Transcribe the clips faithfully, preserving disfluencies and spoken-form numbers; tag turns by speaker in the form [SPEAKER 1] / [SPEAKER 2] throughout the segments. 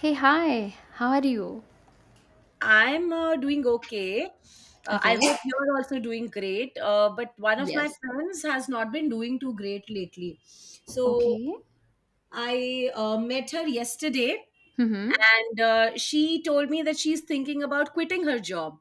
[SPEAKER 1] Hey, hi. How are you?
[SPEAKER 2] I'm uh, doing okay. Uh, I
[SPEAKER 1] Okay.
[SPEAKER 2] hope you're also doing great. Uh, but one of my
[SPEAKER 1] Yes.
[SPEAKER 2] friends has not been doing too great lately. So
[SPEAKER 1] Okay.
[SPEAKER 2] I uh, met her yesterday,
[SPEAKER 1] Mm-hmm.
[SPEAKER 2] and uh, she told me that she's thinking about quitting her job,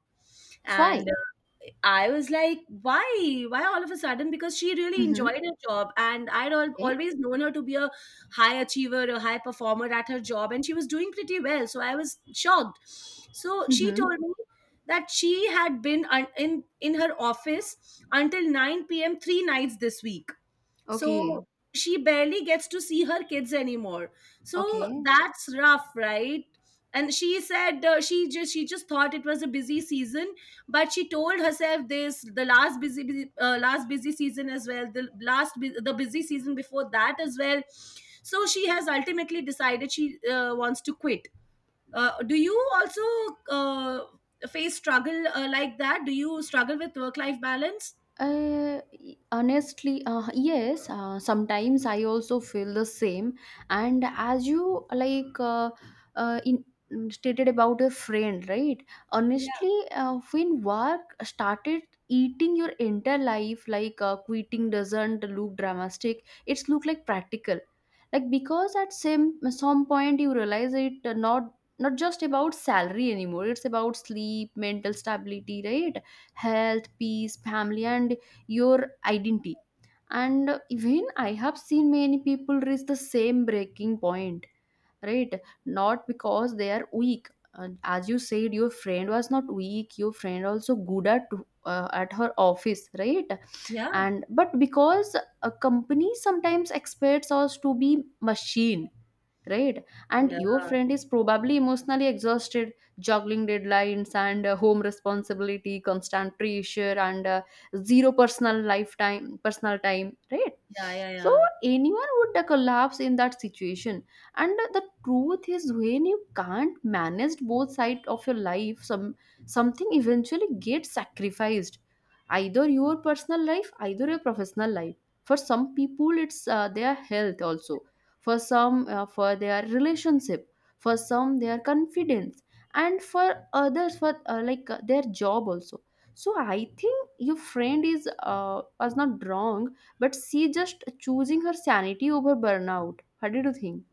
[SPEAKER 2] and
[SPEAKER 1] Why?
[SPEAKER 2] uh, i was like why why all of a sudden, because she really
[SPEAKER 1] Mm-hmm.
[SPEAKER 2] enjoyed her job, and I'd al-
[SPEAKER 1] Okay.
[SPEAKER 2] always known her to be a high achiever, a high performer at her job, and she was doing pretty well, so I was shocked. So she
[SPEAKER 1] Mm-hmm.
[SPEAKER 2] told me that she had been un- in in her office until nine p m three nights this week, so
[SPEAKER 1] Okay.
[SPEAKER 2] she barely gets to see her kids anymore. So
[SPEAKER 1] Okay.
[SPEAKER 2] that's rough, right? And she said uh, she just she just thought it was a busy season, but she told herself this the last busy, busy uh, last busy season as well, the last bu- the busy season before that as well. So she has ultimately decided she uh, wants to quit. Uh, do you also uh, face struggle uh, like that? Do you struggle with work life balance?
[SPEAKER 1] Uh, Honestly, uh, yes. Uh, sometimes I also feel the same. And as you like, uh, uh, in stated about a friend, right?
[SPEAKER 2] Yeah,
[SPEAKER 1] Honestly, uh, when work started eating your entire life, like uh, quitting doesn't look dramatic. It's look like practical, like because at some some point you realize it uh, not not just about salary anymore. It's about sleep, mental stability, right? Health, peace, family, and your identity. And uh, even I have seen many people reach the same breaking point, right? Not because they are weak. Uh, as you said, your friend was not weak. Your friend also good at uh, at her office, right?
[SPEAKER 2] yeah,
[SPEAKER 1] And but because a company sometimes expects us to be machine, right? And
[SPEAKER 2] yeah,
[SPEAKER 1] your friend is probably emotionally exhausted, juggling deadlines and uh, home responsibility, constant pressure, and uh, zero personal lifetime personal time, right?
[SPEAKER 2] yeah, yeah,
[SPEAKER 1] So
[SPEAKER 2] yeah.
[SPEAKER 1] anyone would uh, collapse in that situation. And uh, the truth is, when you can't manage both sides of your life, some something eventually gets sacrificed. Either your personal life, either your professional life. For some people it's uh, their health also. For some, uh, for their relationship. For some, their confidence. And for others, for uh, like uh, their job also. So I think your friend is uh, was not wrong, but she just choosing her sanity over burnout. What did you think?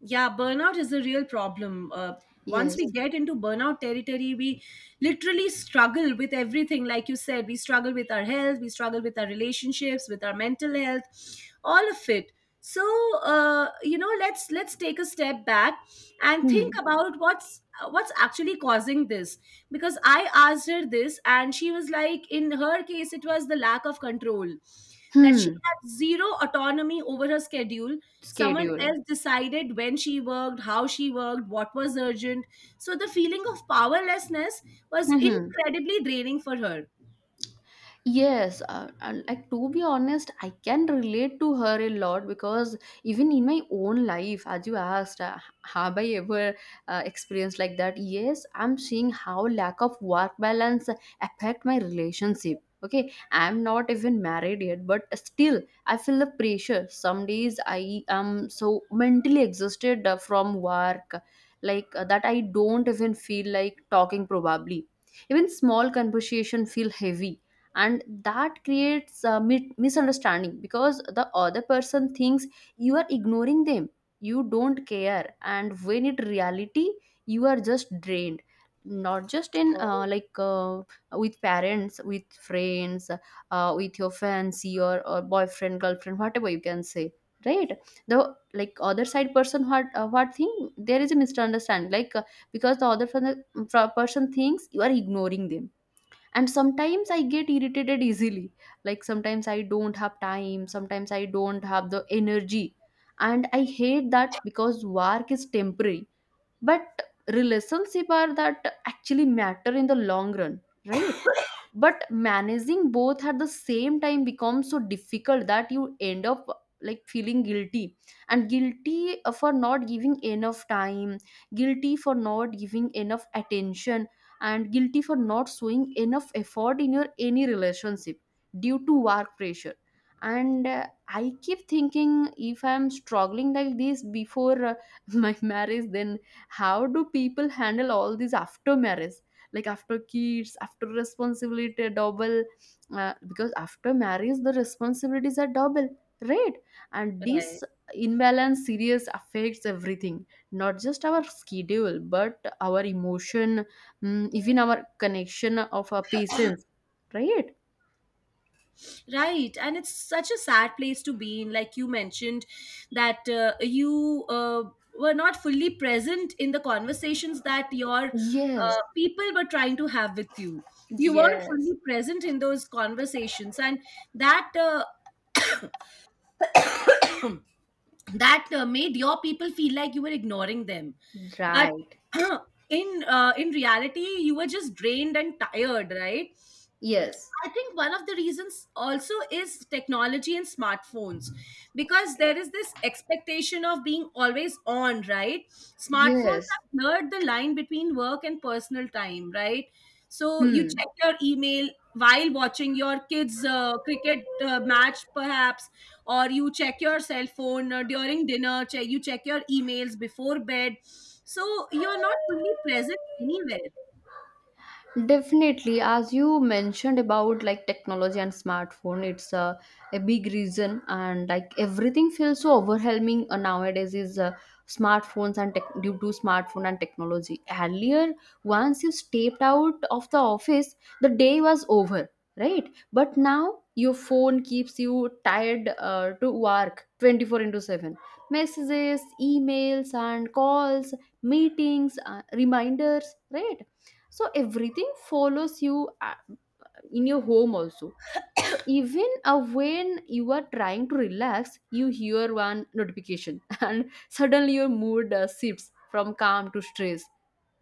[SPEAKER 2] Yeah, burnout is a real problem. Uh, once we
[SPEAKER 1] Yes.
[SPEAKER 2] get into burnout territory, we literally struggle with everything. Like you said, we struggle with our health, we struggle with our relationships, with our mental health, all of it. So, uh, you know, let's let's take a step back and think
[SPEAKER 1] Hmm.
[SPEAKER 2] about what's what's actually causing this. Because I asked her this, and she was like, in her case, it was the lack of control, that she
[SPEAKER 1] Hmm.
[SPEAKER 2] had zero autonomy over her schedule. Someone
[SPEAKER 1] Schedule.
[SPEAKER 2] else decided when she worked, how she worked, what was urgent. So the feeling of powerlessness was
[SPEAKER 1] Hmm.
[SPEAKER 2] incredibly draining for her.
[SPEAKER 1] Yes, uh, uh, like to be honest, I can relate to her a lot because even in my own life, as you asked, uh, have I ever uh, experienced like that? Yes, I'm seeing how lack of work balance affect my relationship. Okay, I'm not even married yet, but still, I feel the pressure. Some days I am so mentally exhausted uh, from work, like uh, that I don't even feel like talking. Probably, even small conversation feel heavy, and that creates a mi- misunderstanding because the other person thinks you are ignoring them, you don't care. And when in reality you are just drained. Not just in uh,
[SPEAKER 2] Oh,
[SPEAKER 1] like uh, with parents, with friends, uh, with your fancy or, or boyfriend, girlfriend, whatever you can say, right? The like other side person, what uh, what thing there is a misunderstanding, like uh, because the other person, person thinks you are ignoring them. And sometimes I get irritated easily, like sometimes I don't have time, sometimes I don't have the energy. And I hate that because work is temporary, but relationship are that actually matter in the long run, right? But managing both at the same time becomes so difficult that you end up like feeling guilty. And guilty uh, for not giving enough time, guilty for not giving enough attention, and guilty for not showing enough effort in your any relationship due to work pressure. And uh, I keep thinking, if I'm struggling like this before uh, my marriage, then how do people handle all this after marriage? Like after kids, after responsibility double, uh, because after marriage the responsibilities are double, right? And
[SPEAKER 2] right.
[SPEAKER 1] this imbalance serious affects everything, not just our schedule but our emotion, mm, even our connection of our patients, right?
[SPEAKER 2] Right, and it's such a sad place to be in. Like you mentioned that uh, you uh, were not fully present in the conversations that your
[SPEAKER 1] Yes.
[SPEAKER 2] uh, people were trying to have with you. You weren't
[SPEAKER 1] Yes.
[SPEAKER 2] fully present in those conversations, and that uh, that uh, made your people feel like you were ignoring them. But
[SPEAKER 1] Right.
[SPEAKER 2] in uh, in reality, you were just drained and tired, right?
[SPEAKER 1] Yes.
[SPEAKER 2] I think one of the reasons also is technology and smartphones, because there is this expectation of being always on, right? Smartphones
[SPEAKER 1] Yes.
[SPEAKER 2] have blurred the line between work and personal time, right? So you
[SPEAKER 1] Hmm.
[SPEAKER 2] check your email while watching your kids' uh, cricket uh, match, perhaps, or you check your cell phone uh, during dinner, che- you check your emails before bed. So you're not fully present anywhere.
[SPEAKER 1] Definitely, as you mentioned about like technology and smartphone, it's uh, a big reason, and like everything feels so overwhelming uh, nowadays. Is uh, smartphones and tech due to smartphone and technology. Earlier, once you stepped out of the office, the day was over, right? But now your phone keeps you tied uh, to work twenty-four into seven. Messages, emails, and calls, meetings, uh, reminders, right? So everything follows you uh, in your home also. So even uh, when you are trying to relax, you hear one notification and suddenly your mood uh, shifts from calm to stress,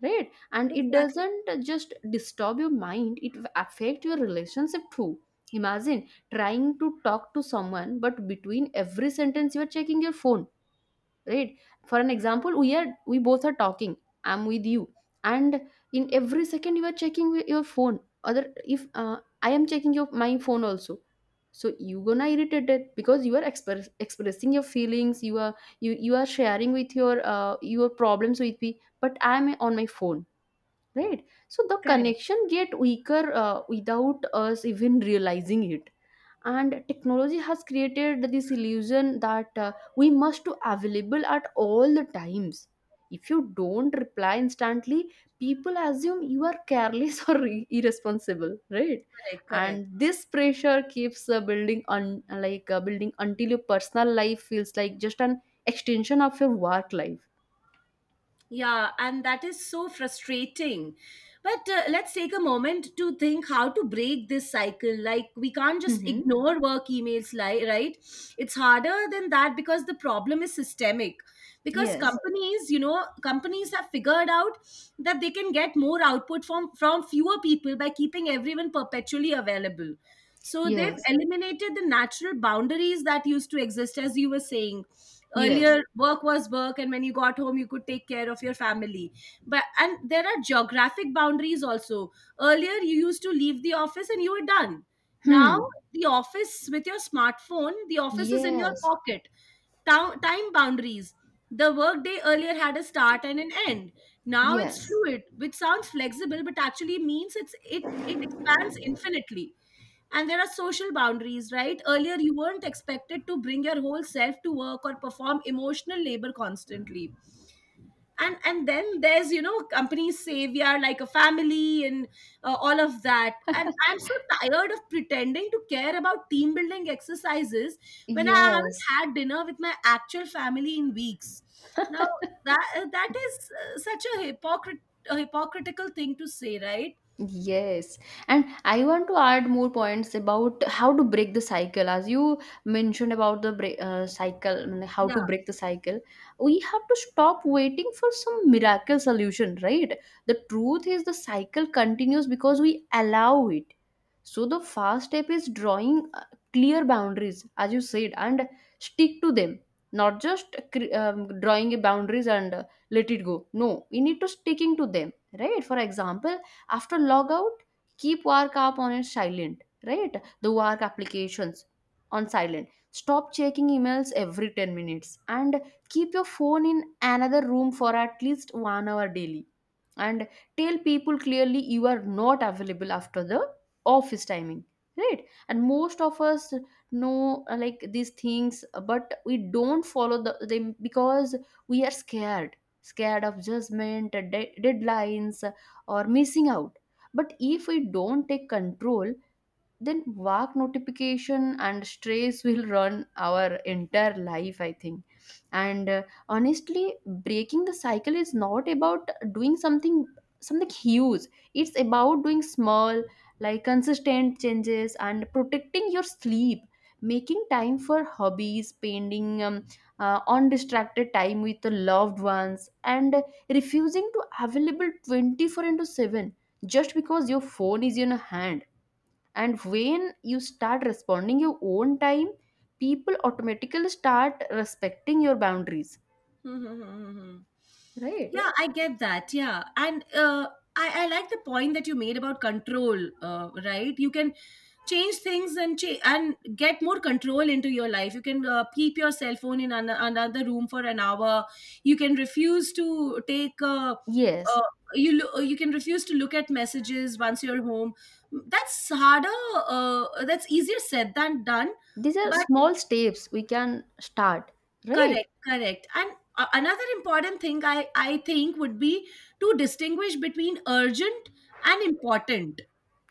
[SPEAKER 1] right? And it
[SPEAKER 2] Exactly.
[SPEAKER 1] doesn't just disturb your mind, it affect your relationship too. Imagine trying to talk to someone but between every sentence you are checking your phone, right? For an example, we are we both are talking, I'm with you, and in every second you are checking wi- your phone, other if uh, I am checking your my phone also. So you gonna irritate it because you are express, expressing your feelings, you are you you are sharing with your uh, your problems with me, but I am on my phone, right? So the
[SPEAKER 2] Correct.
[SPEAKER 1] connection get weaker uh, without us even realizing it. And technology has created this illusion that uh, we must be available at all the times. If you don't reply instantly, people assume you are careless or ir- irresponsible, right?
[SPEAKER 2] Correct. Correct.
[SPEAKER 1] And this pressure keeps uh, building on, like uh, building until your personal life feels like just an extension of your work life.
[SPEAKER 2] Yeah, and that is so frustrating. But uh, let's take a moment to think how to break this cycle. Like, we can't just
[SPEAKER 1] Mm-hmm.
[SPEAKER 2] ignore work emails, li- right? It's harder than that, because the problem is systemic. Because
[SPEAKER 1] Yes.
[SPEAKER 2] companies, you know, companies have figured out that they can get more output from, from fewer people by keeping everyone perpetually available. So they've
[SPEAKER 1] Yes.
[SPEAKER 2] eliminated the natural boundaries that used to exist. As you were saying,
[SPEAKER 1] Yes.
[SPEAKER 2] earlier work was work, and when you got home you could take care of your family. But, and there are geographic boundaries also. Earlier you used to leave the office and you were done.
[SPEAKER 1] Hmm.
[SPEAKER 2] Now, the office, with your smartphone, the office is in your
[SPEAKER 1] Yes.
[SPEAKER 2] pocket. Tao- time boundaries. The workday earlier had a start and an end. Now it's
[SPEAKER 1] Yes.
[SPEAKER 2] fluid, which sounds flexible, but actually means it's it it expands infinitely. And there are social boundaries, right? Earlier you weren't expected to bring your whole self to work or perform emotional labor constantly. And and then there's, you know companies say we are like a family, and uh, all of that, and I'm so tired of pretending to care about team building exercises when I haven't
[SPEAKER 1] Yes.
[SPEAKER 2] had dinner with my actual family in weeks. Now, that uh, that is uh, such a hypocrite a hypocritical thing to say, right?
[SPEAKER 1] Yes, and I want to add more points about how to break the cycle. As you mentioned about the break, uh, cycle, I mean, how to
[SPEAKER 2] Yeah.
[SPEAKER 1] break the cycle, we have to stop waiting for some miracle solution, right? The truth is, the cycle continues because we allow it. So, the first step is drawing uh, clear boundaries, as you said, and stick to them, not just cre- um, drawing a boundaries and uh, let it go. No, we need to sticking to them, right? For example, after logout, keep work app on a silent, right? The work applications on silent. Stop checking emails every ten minutes and keep your phone in another room for at least one hour daily. And tell people clearly you are not available after the office timing, right? And most of us know uh, like these things, but we don't follow the, them because we are scared scared of judgment, uh, de- deadlines, or missing out. But if we don't take control, then work notification and stress will run our entire life, I think. And uh, honestly, breaking the cycle is not about doing something something huge. It's about doing small, like consistent changes, and protecting your sleep, making time for hobbies, spending um, uh, undistracted time with the loved ones, and refusing to available twenty-four into seven just because your phone is in your hand. And when you start responding your own time, people automatically start respecting your boundaries,
[SPEAKER 2] Mm-hmm. Yeah.
[SPEAKER 1] right?
[SPEAKER 2] Yeah, I get that. Yeah. And uh, I, I like the point that you made about control, uh, right? You can change things and cha- and get more control into your life. You can uh, keep your cell phone in an- another room for an hour. You can refuse to take uh,
[SPEAKER 1] Yes.
[SPEAKER 2] uh, you lo- you can refuse to look at messages once you're home. That's harder. Uh, that's easier said than done.
[SPEAKER 1] These are
[SPEAKER 2] But
[SPEAKER 1] small steps we can start. Right.
[SPEAKER 2] Correct, correct. And a- another important thing, I, I think would be to distinguish between urgent and important.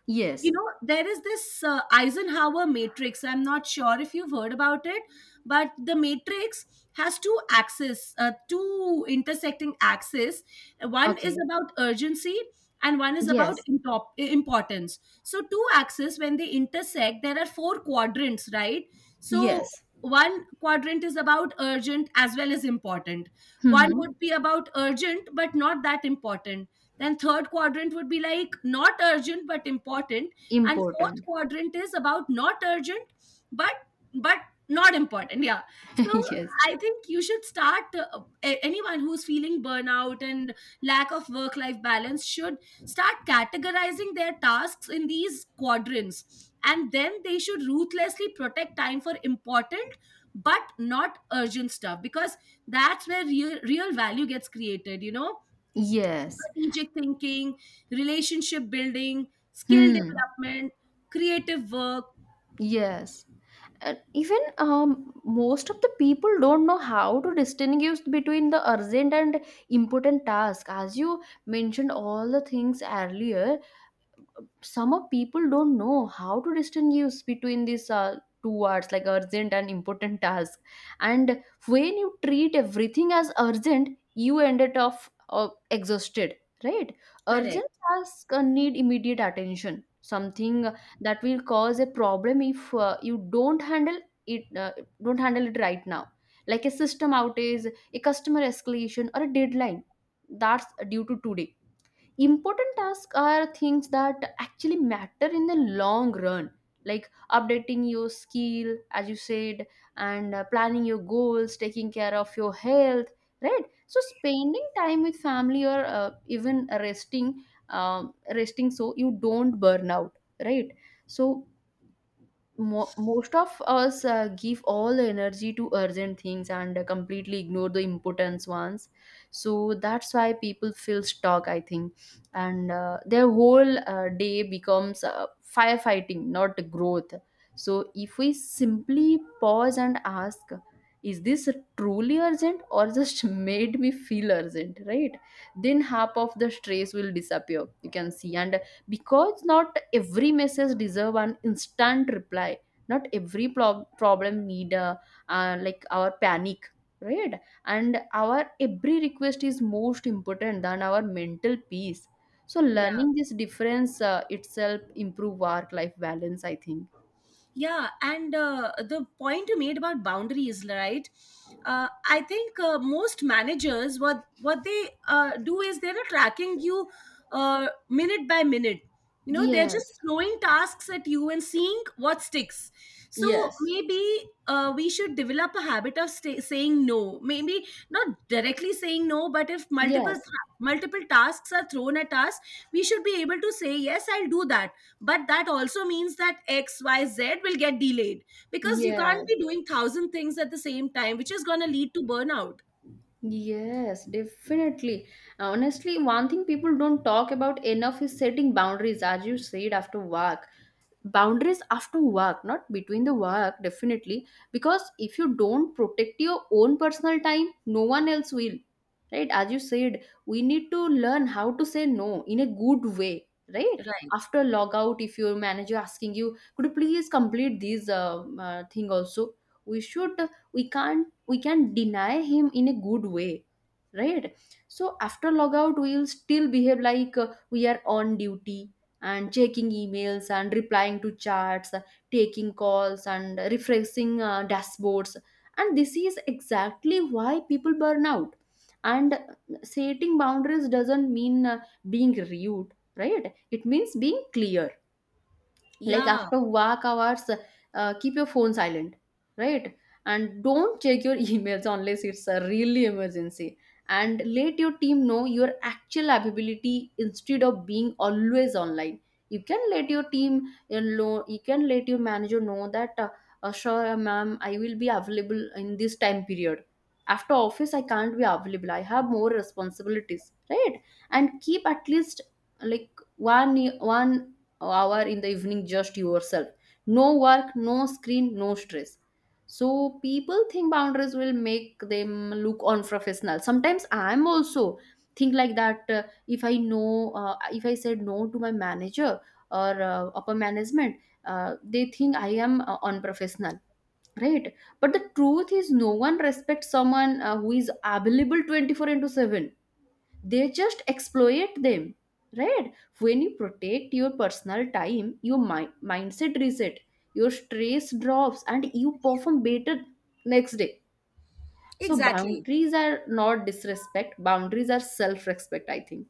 [SPEAKER 1] Yes.
[SPEAKER 2] You know, there is this uh, Eisenhower matrix, I'm not sure if you've heard about it. But the matrix has two axes, uh, two intersecting axes. One is
[SPEAKER 1] Okay.
[SPEAKER 2] about urgency and one is about
[SPEAKER 1] Yes.
[SPEAKER 2] intop- importance. So two axes, when they intersect, there are four quadrants, right? So
[SPEAKER 1] Yes.
[SPEAKER 2] one quadrant is about urgent as well as important. One
[SPEAKER 1] Hmm.
[SPEAKER 2] would be about urgent but not that important. Then third quadrant would be like not urgent but important. And fourth
[SPEAKER 1] Important.
[SPEAKER 2] quadrant is about not urgent but but not important, yeah. So
[SPEAKER 1] Yes.
[SPEAKER 2] I think you should start uh, a- anyone who's feeling burnout and lack of work life balance should start categorizing their tasks in these quadrants, and then they should ruthlessly protect time for important but not urgent stuff, because that's where real, real value gets created, you know.
[SPEAKER 1] Yes.
[SPEAKER 2] Strategic thinking, relationship building, skill
[SPEAKER 1] Hmm.
[SPEAKER 2] development, creative work.
[SPEAKER 1] Yes. Uh, even um, most of the people don't know how to distinguish between the urgent and important task, as you mentioned all the things earlier. Some of people don't know how to distinguish between these uh, two words like urgent and important task. And when you treat everything as urgent, you ended up uh, exhausted, right? Urgent
[SPEAKER 2] Correct.
[SPEAKER 1] tasks uh, need immediate attention, something that will cause a problem if uh, you don't handle it uh, don't handle it right now, like a system outage, a customer escalation, or a deadline that's due to today. Important tasks are things that actually matter in the long run, like updating your skill as you said, and uh, planning your goals, taking care of your health, right? So spending time with family or uh, even resting um, resting so you don't burn out, right? So mo- most of us uh, give all the energy to urgent things and uh, completely ignore the important ones. So that's why people feel stuck, I think. And uh, their whole uh, day becomes uh, firefighting, not growth. So if we simply pause and ask, is this truly urgent or just made me feel urgent, right? Then half of the stress will disappear, you can see. And because not every message deserve an instant reply, not every pro- problem need a, uh, like our panic, right? And our every request is most important than our mental peace. So
[SPEAKER 2] Yeah.
[SPEAKER 1] learning this difference uh, itself improve work life balance, I think.
[SPEAKER 2] Yeah, and uh, the point you made about boundaries, right? Uh, I think uh, most managers, what what they uh, do is they're not tracking you uh, minute by minute. You know, they're just
[SPEAKER 1] Yes.
[SPEAKER 2] throwing tasks at you and seeing what sticks. So
[SPEAKER 1] Yes.
[SPEAKER 2] maybe uh, we should develop a habit of sta saying no. Maybe not directly saying no, but if multiple
[SPEAKER 1] Yes.
[SPEAKER 2] th- multiple tasks are thrown at us, we should be able to say yes. I'll do that, but that also means that xyz will get delayed, because you can't
[SPEAKER 1] Yes.
[SPEAKER 2] be doing thousand things at the same time, which is going to lead to burnout,
[SPEAKER 1] Yes, definitely. Honestly, one thing people don't talk about enough is setting boundaries, as you said, after work. Boundaries after work, not between the work, definitely. Because if you don't protect your own personal time, no one else will, right? As you said, we need to learn how to say no in a good way, right?
[SPEAKER 2] right?
[SPEAKER 1] After log out, if your manager asking you, could you please complete this uh, uh, thing also, we should we can't, we can deny him in a good way, right? So after log out we will still behave like uh, we are on duty, and checking emails and replying to chats, taking calls and refreshing uh, dashboards. And this is exactly why people burn out. And setting boundaries doesn't mean uh, being rude, right? It means being clear, like
[SPEAKER 2] Yeah,
[SPEAKER 1] after work hours, uh, keep your phone silent, right? And don't check your emails unless it's a really emergency. And let your team know your actual ability instead of being always online. You can let your team, you know you can let your manager know that uh, uh, sure, uh, ma'am, I will be available in this time period. After office I can't be available, I have more responsibilities, right? And keep at least, like, one one hour in the evening just yourself. No work, no screen, no stress. So people think boundaries will make them look unprofessional. Sometimes I'm also think like that. Uh, if I know, uh, if I said no to my manager or uh, upper management, uh, they think I am uh, unprofessional, right? But the truth is no one respects someone uh, who is available twenty-four into seven. They just exploit them, right? When you protect your personal time your mi- mindset reset, your stress drops and you perform better next day. So
[SPEAKER 2] exactly.
[SPEAKER 1] boundaries are not disrespect, boundaries are self respect, I think.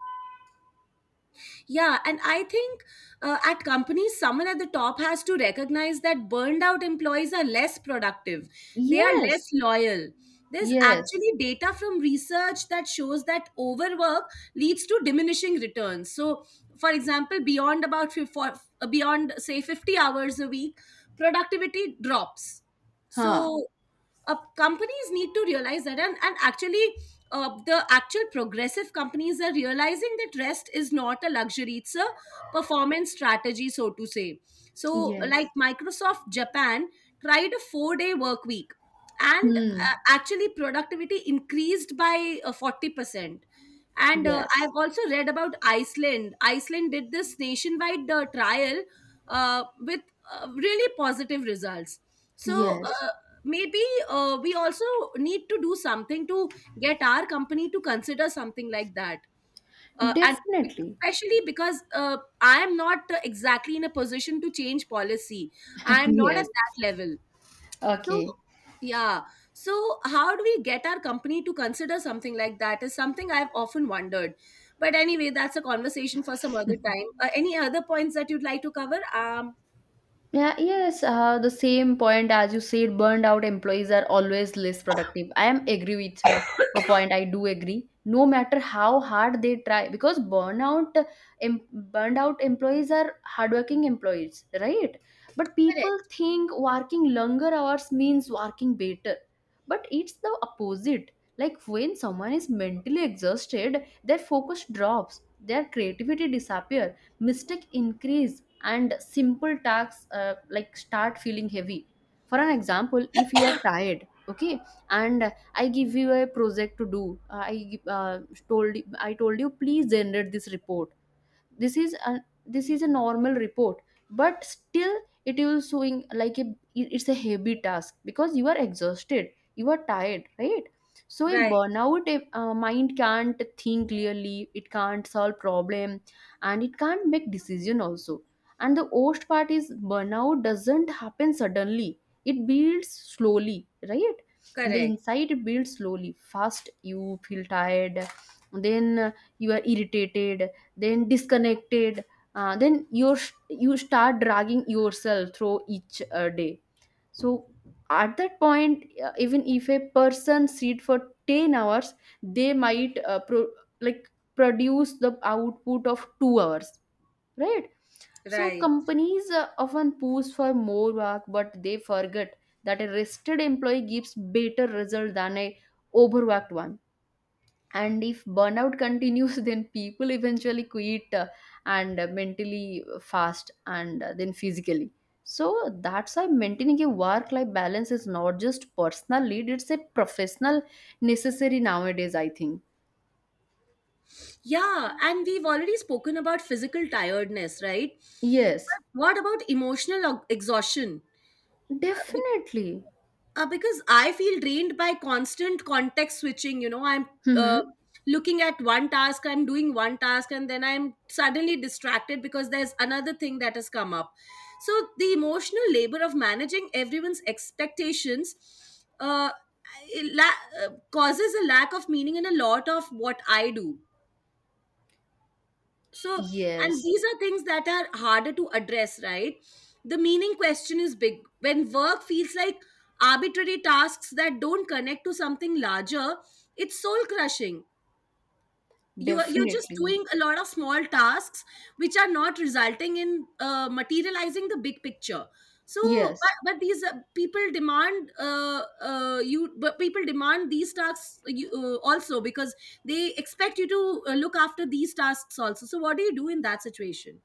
[SPEAKER 2] Yeah, and I think uh, at companies, someone at the top has to recognize that burned out employees are less productive, they are
[SPEAKER 1] Yes.
[SPEAKER 2] less loyal. There's
[SPEAKER 1] Yes.
[SPEAKER 2] actually data from research that shows that overwork leads to diminishing returns. So, for example, beyond about fif- for- uh, beyond say fifty hours a week, productivity drops.
[SPEAKER 1] Huh.
[SPEAKER 2] So uh, companies need to realize that, and, and actually uh, the actual progressive companies are realizing that rest is not a luxury, it's a performance strategy, so to say. So like
[SPEAKER 1] Yes.
[SPEAKER 2] Microsoft Japan tried a four day work week, and
[SPEAKER 1] Hmm.
[SPEAKER 2] uh, actually productivity increased by uh, forty percent. And uh,
[SPEAKER 1] Yes.
[SPEAKER 2] I've also read about iceland iceland did this nationwide uh, trial uh, with uh, really positive results. So
[SPEAKER 1] Yes,
[SPEAKER 2] uh, maybe uh, we also need to do something to get our company to consider something like that. Uh, and
[SPEAKER 1] definitely.
[SPEAKER 2] especially because uh, I am not uh, exactly in a position to change policy. I am not at
[SPEAKER 1] Yes.
[SPEAKER 2] that level. So
[SPEAKER 1] Okay.
[SPEAKER 2] yeah. So how do we get our company to consider something like that is something I've often wondered. But anyway, that's a conversation for some other time. Uh, any other points that you'd like to cover? Um.
[SPEAKER 1] Yeah, yes, uh, the same point as you said, burned out employees are always less productive. I am agree with uh, a point. I do agree. No matter how hard they try, because burnout, em- burned out employees are hardworking employees, right? But people
[SPEAKER 2] Correct.
[SPEAKER 1] think working longer hours means working better, but it's the opposite. Like when someone is mentally exhausted, their focus drops, their creativity disappears, mistake increase and simple tasks, uh, like, start feeling heavy. For an example, if you are tired, okay, and I give you a project to do, uh, i give- uh, told I told you please generate this report. this is a this is a normal report, but still it will showing like a, it's a heavy task because you are exhausted, you are tired, right? So a
[SPEAKER 2] Right,
[SPEAKER 1] burnout a, uh, mind can't think clearly, it can't solve problem, and it can't make decision also. And the worst part is burnout doesn't happen suddenly, it builds slowly, right? In the
[SPEAKER 2] correct,
[SPEAKER 1] inside it builds slowly. First you feel tired, then uh, you are irritated, then disconnected, uh, then you you start dragging yourself through each uh, day. So at that point, uh, even if a person sit for ten hours, they might uh, pro- like produce the output of two hours, right? So
[SPEAKER 2] right.
[SPEAKER 1] companies uh, often push for more work, but they forget that a rested employee gives better result than a overworked one. And if burnout continues, then people eventually quit, uh, and uh, mentally fast and uh, then physically. So that's why maintaining a work life balance is not just personal lead, it's a professional necessary nowadays, I think.
[SPEAKER 2] Yeah, and we've already spoken about physical tiredness, right?
[SPEAKER 1] Yes,
[SPEAKER 2] But what about emotional o- exhaustion? Uh, be-
[SPEAKER 1] definitely.
[SPEAKER 2] uh, because I feel drained by constant context switching. You know, I'm uh,
[SPEAKER 1] Mm-hmm.
[SPEAKER 2] looking at one task, I'm doing one task, and then I'm suddenly distracted because there's another thing that has come up. So the emotional labor of managing everyone's expectations, uh, it la- uh, causes a lack of meaning in a lot of what I do. So, and
[SPEAKER 1] Yes,
[SPEAKER 2] these are things that are harder to address, right? The meaning question is big. When work feels like arbitrary tasks that don't connect to something larger, it's soul crushing. You are, you're just
[SPEAKER 1] definitely.
[SPEAKER 2] doing a lot of small tasks, which are not resulting in uh, materializing the big picture. So, but,
[SPEAKER 1] Yes.
[SPEAKER 2] but these uh, people demand uh, uh, you but people demand these tasks, you, uh, also, because they expect you to uh, look after these tasks also. So what do you do in that situation?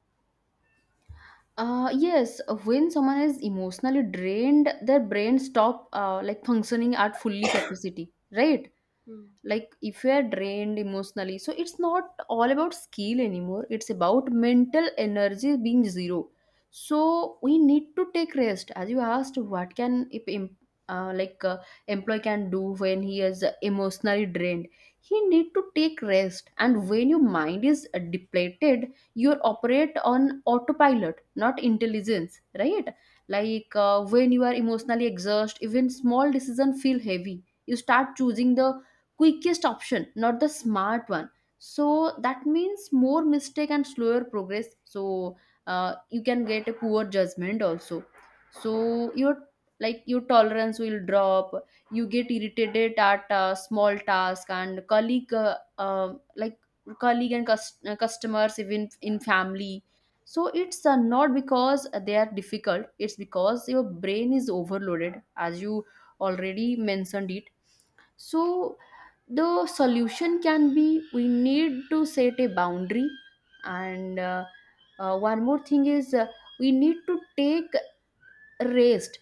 [SPEAKER 1] uh Yes, when someone is emotionally drained, their brain stop uh, like functioning at fully capacity, right?
[SPEAKER 2] Hmm.
[SPEAKER 1] Like if you are drained emotionally, so it's not all about skill anymore, it's about mental energy being zero. So we need to take rest. As you asked, what can, if em- uh, like uh, employee can do when he is emotionally drained, he need to take rest. And when your mind is uh, depleted, you operate on autopilot, not intelligence, right? Like uh, when you are emotionally exhausted, even small decision feel heavy, you start choosing the quickest option, not the smart one. So that means more mistake and slower progress. So uh, you can get a poor judgment also. So your, like, your tolerance will drop. You get irritated at a small task and colleague, uh, um like colleague and cus- uh, customers, even in family. So it's uh, not because they are difficult, it's because your brain is overloaded, as you already mentioned it. So the solution can be, we need to set a boundary, and uh, uh, one more thing is, uh, we need to take rest,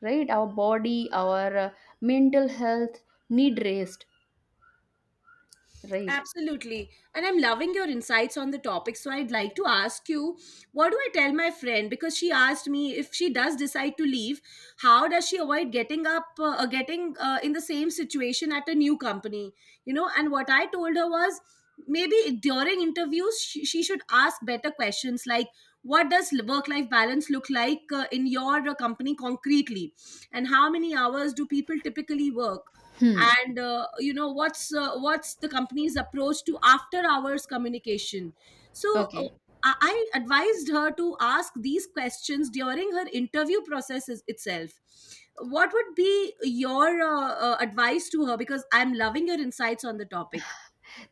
[SPEAKER 1] right? Our body, our uh, mental health need rest, right?
[SPEAKER 2] Absolutely. And I'm loving your insights on the topic. So I'd like to ask you, what do I tell my friend? Because she asked me, if she does decide to leave, how does she avoid getting up, uh, uh, getting uh, in the same situation at a new company? You know, and what I told her was, maybe during interviews, she, she should ask better questions like, what does work life balance look like uh, in your uh, company concretely? And how many hours do people typically work?
[SPEAKER 1] Hmm.
[SPEAKER 2] And uh, you know what's uh, what's the company's approach to after hours communication. So uh,
[SPEAKER 1] Okay.
[SPEAKER 2] i I advised her to ask these questions during her interview process is- itself. What would be your uh, uh, advice to her, because I'm loving your insights on the topic.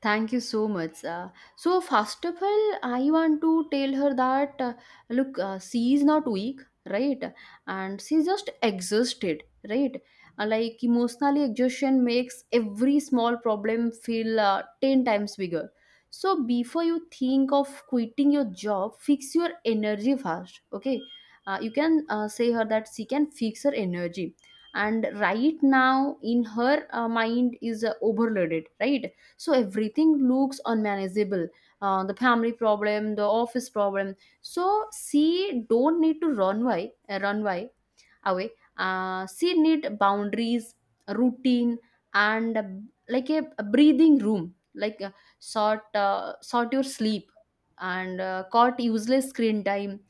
[SPEAKER 1] Thank you so much. Uh, so, first of all, I want to tell her that, uh, look, uh, she is not weak, right? And she's just exhausted, right? Uh, like emotionally, exhaustion makes every small problem feel uh, ten times bigger. So, before you think of quitting your job, fix your energy first, okay? Uh, you can uh, say her that she can fix her energy. And right now in her uh, mind is uh, overloaded, right? So everything looks unmanageable, uh, the family problem, the office problem. So she don't need to run away, uh, run away away. Uh, she need boundaries, routine, and uh, like a, a breathing room. Like uh, sort uh, sort your sleep and uh, cut useless screen time.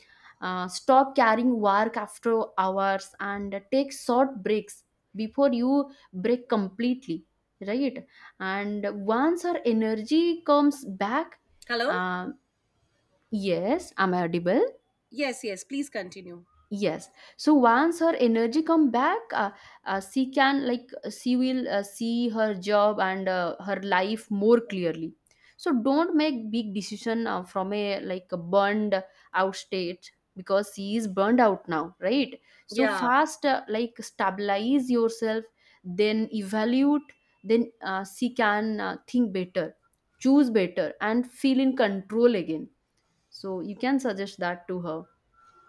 [SPEAKER 1] Uh, stop carrying work after hours and take short breaks before you break completely. Right, and once our energy comes back,
[SPEAKER 2] Hello.
[SPEAKER 1] uh, yes, I'm audible.
[SPEAKER 2] Yes, yes, please continue.
[SPEAKER 1] Yes. So once her energy come back, uh, uh, she can like uh, she will uh, see her job and uh, her life more clearly. So don't make big decision uh, from a like a burned out state, because she is burned out now, right? So
[SPEAKER 2] Yeah.
[SPEAKER 1] fast, uh, like stabilize yourself, then evaluate, then uh, she can uh, think better, choose better, and feel in control again. So you can suggest that to her.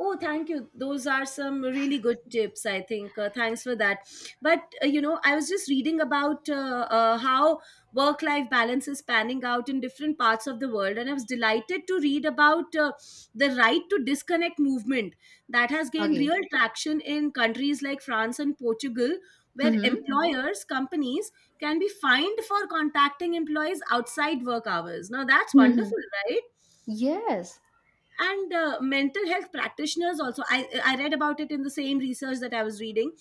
[SPEAKER 2] Oh, thank you. Those are some really good tips, I think. Uh, thanks for that. But, uh, you know, I was just reading about uh, uh, how work life balance is panning out in different parts of the world. And I was delighted to read about uh, the right to disconnect movement that has gained
[SPEAKER 1] Okay.
[SPEAKER 2] real traction in countries like France and Portugal, where
[SPEAKER 1] Mm-hmm.
[SPEAKER 2] employers, companies can be fined for contacting employees outside work hours. Now, that's wonderful, right?
[SPEAKER 1] Yes.
[SPEAKER 2] And uh, mental health practitioners also, I, I read about it in the same research that I was reading.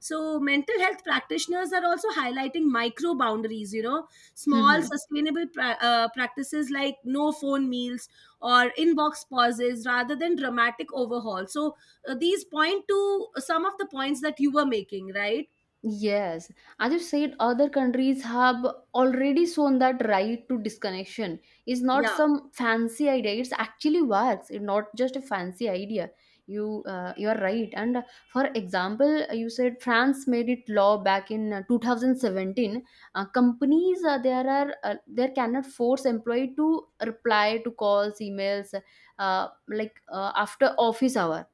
[SPEAKER 2] So mental health practitioners are also highlighting micro boundaries, you know, small
[SPEAKER 1] Mhm.
[SPEAKER 2] sustainable pra- uh, practices like no phone meals or inbox pauses, rather than dramatic overhaul. So uh, these point to some of the points that you were making, right?
[SPEAKER 1] Yes. As you said, other countries have already shown that right to disconnection is not
[SPEAKER 2] Yeah.
[SPEAKER 1] some fancy idea. It's actually works. It's not just a fancy idea. You uh, you are right. And uh, for example, you said France made it law back in uh, two thousand seventeen. Uh, companies uh, there are uh, there cannot force employee to reply to calls, emails, uh, like uh, after office hour,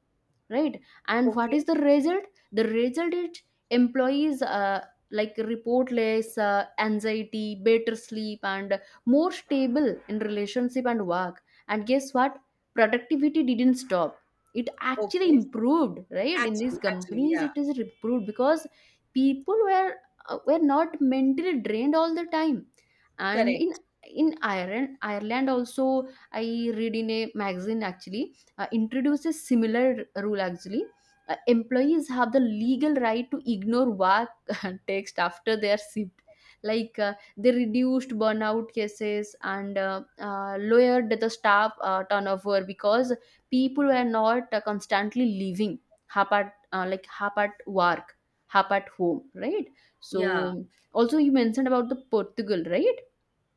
[SPEAKER 1] right? And what
[SPEAKER 2] Okay,
[SPEAKER 1] is the result? The result is, employees uh, like report less uh, anxiety, better sleep, and more stable in relationship and work. And guess what? Productivity didn't stop, it actually
[SPEAKER 2] okay.
[SPEAKER 1] improved, right? In these
[SPEAKER 2] Actually, actually,
[SPEAKER 1] companies
[SPEAKER 2] yeah.
[SPEAKER 1] it is improved because people were uh, were not mentally drained all the time. And in
[SPEAKER 2] Correct.
[SPEAKER 1] in ireland Ireland also, I read in a magazine actually, uh, introduces similar rule actually. Uh, employees have the legal right to ignore work text after they are shipped. Like uh, they reduced burnout cases and uh, uh, lowered the staff uh, turnover because people were not uh, constantly leaving, half at uh, like half at work, half at home, right?
[SPEAKER 2] Yeah,
[SPEAKER 1] So also you mentioned about the Portugal, right?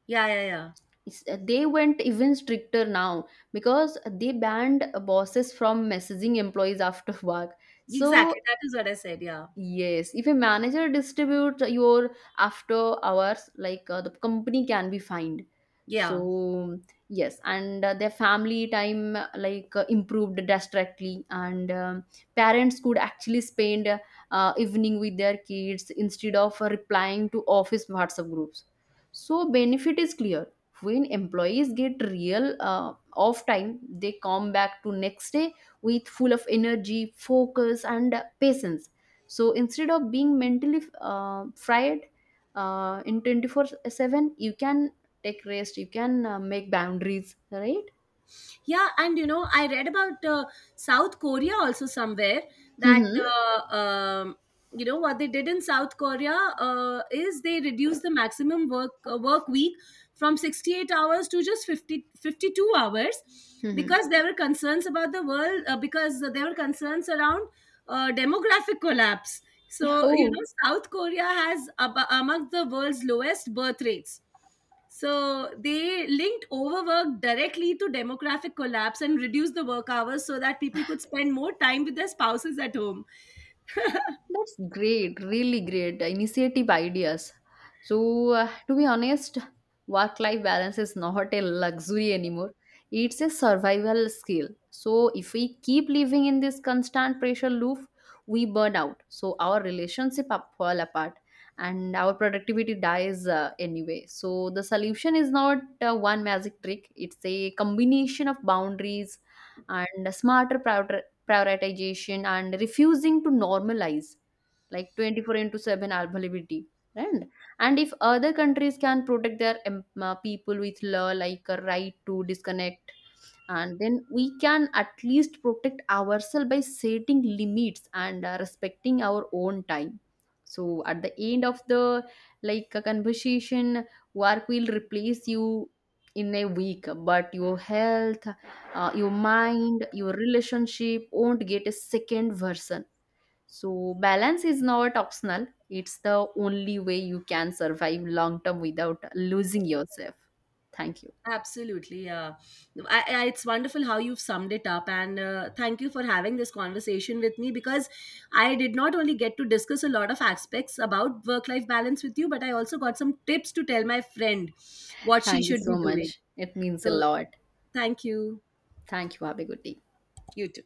[SPEAKER 2] yeah, yeah, yeah.
[SPEAKER 1] it's- uh, They went even stricter now, because they banned bosses from messaging employees after work.
[SPEAKER 2] Exactly,
[SPEAKER 1] So
[SPEAKER 2] that is what I said. Yeah,
[SPEAKER 1] yes, if a manager distributes your after hours, like uh, the company can be fined.
[SPEAKER 2] yeah.
[SPEAKER 1] So yes, and uh, their family time uh, like uh, improved drastically, and um, parents could actually spend uh, evening with their kids instead of uh, replying to office WhatsApp groups. So benefit is clear. When employees get real uh, off time, they come back to next day with full of energy, focus, and uh, patience. So instead of being mentally uh, fried uh, in twenty-four seven, you can take rest, you can uh, make boundaries, right?
[SPEAKER 2] Yeah, and you know, I read about uh, South Korea also somewhere, that
[SPEAKER 1] Mm-hmm.
[SPEAKER 2] uh, um, you know what they did in South Korea uh, is they reduced the maximum work uh, work week from sixty-eight hours to just fifty fifty-two hours,
[SPEAKER 1] Mm-hmm.
[SPEAKER 2] because there were concerns about the world uh, because there were concerns around uh, demographic collapse. So, you
[SPEAKER 1] Oh.
[SPEAKER 2] know, South Korea has ab- among the world's lowest birth rates. So they linked overwork directly to demographic collapse and reduced the work hours so that people could spend more time with their spouses at home.
[SPEAKER 1] That's great, really great initiative ideas. So, uh, to be honest, work life balance is not a luxury anymore, it's a survival skill. So, if we keep living in this constant pressure loop, we burn out. So, our relationship up, fall apart and our productivity dies uh, anyway. So, the solution is not uh, one magic trick, it's a combination of boundaries and smarter prior- prioritization and refusing to normalize like twenty-four into seven availability, right? And if other countries can protect their em- uh, people with law like a right to disconnect, and then we can at least protect ourselves by setting limits and uh, respecting our own time. So at the end of the, like, a conversation, work will replace you in a week, but your health, uh, your mind, your relationship won't get a second version. So, balance is not optional, it's the only way you can survive long term without losing yourself. Thank you.
[SPEAKER 2] Absolutely, yeah. No, I, I, it's wonderful how you've summed it up, and uh, thank you for having this conversation with me, because I did not only get to discuss a lot of aspects about work-life balance with you, but I also got some tips to tell my friend what she
[SPEAKER 1] Thank you
[SPEAKER 2] should be
[SPEAKER 1] so
[SPEAKER 2] doing.
[SPEAKER 1] much. It means a
[SPEAKER 2] So,
[SPEAKER 1] lot.
[SPEAKER 2] thank you.
[SPEAKER 1] Thank you. Have a good day.
[SPEAKER 2] You too.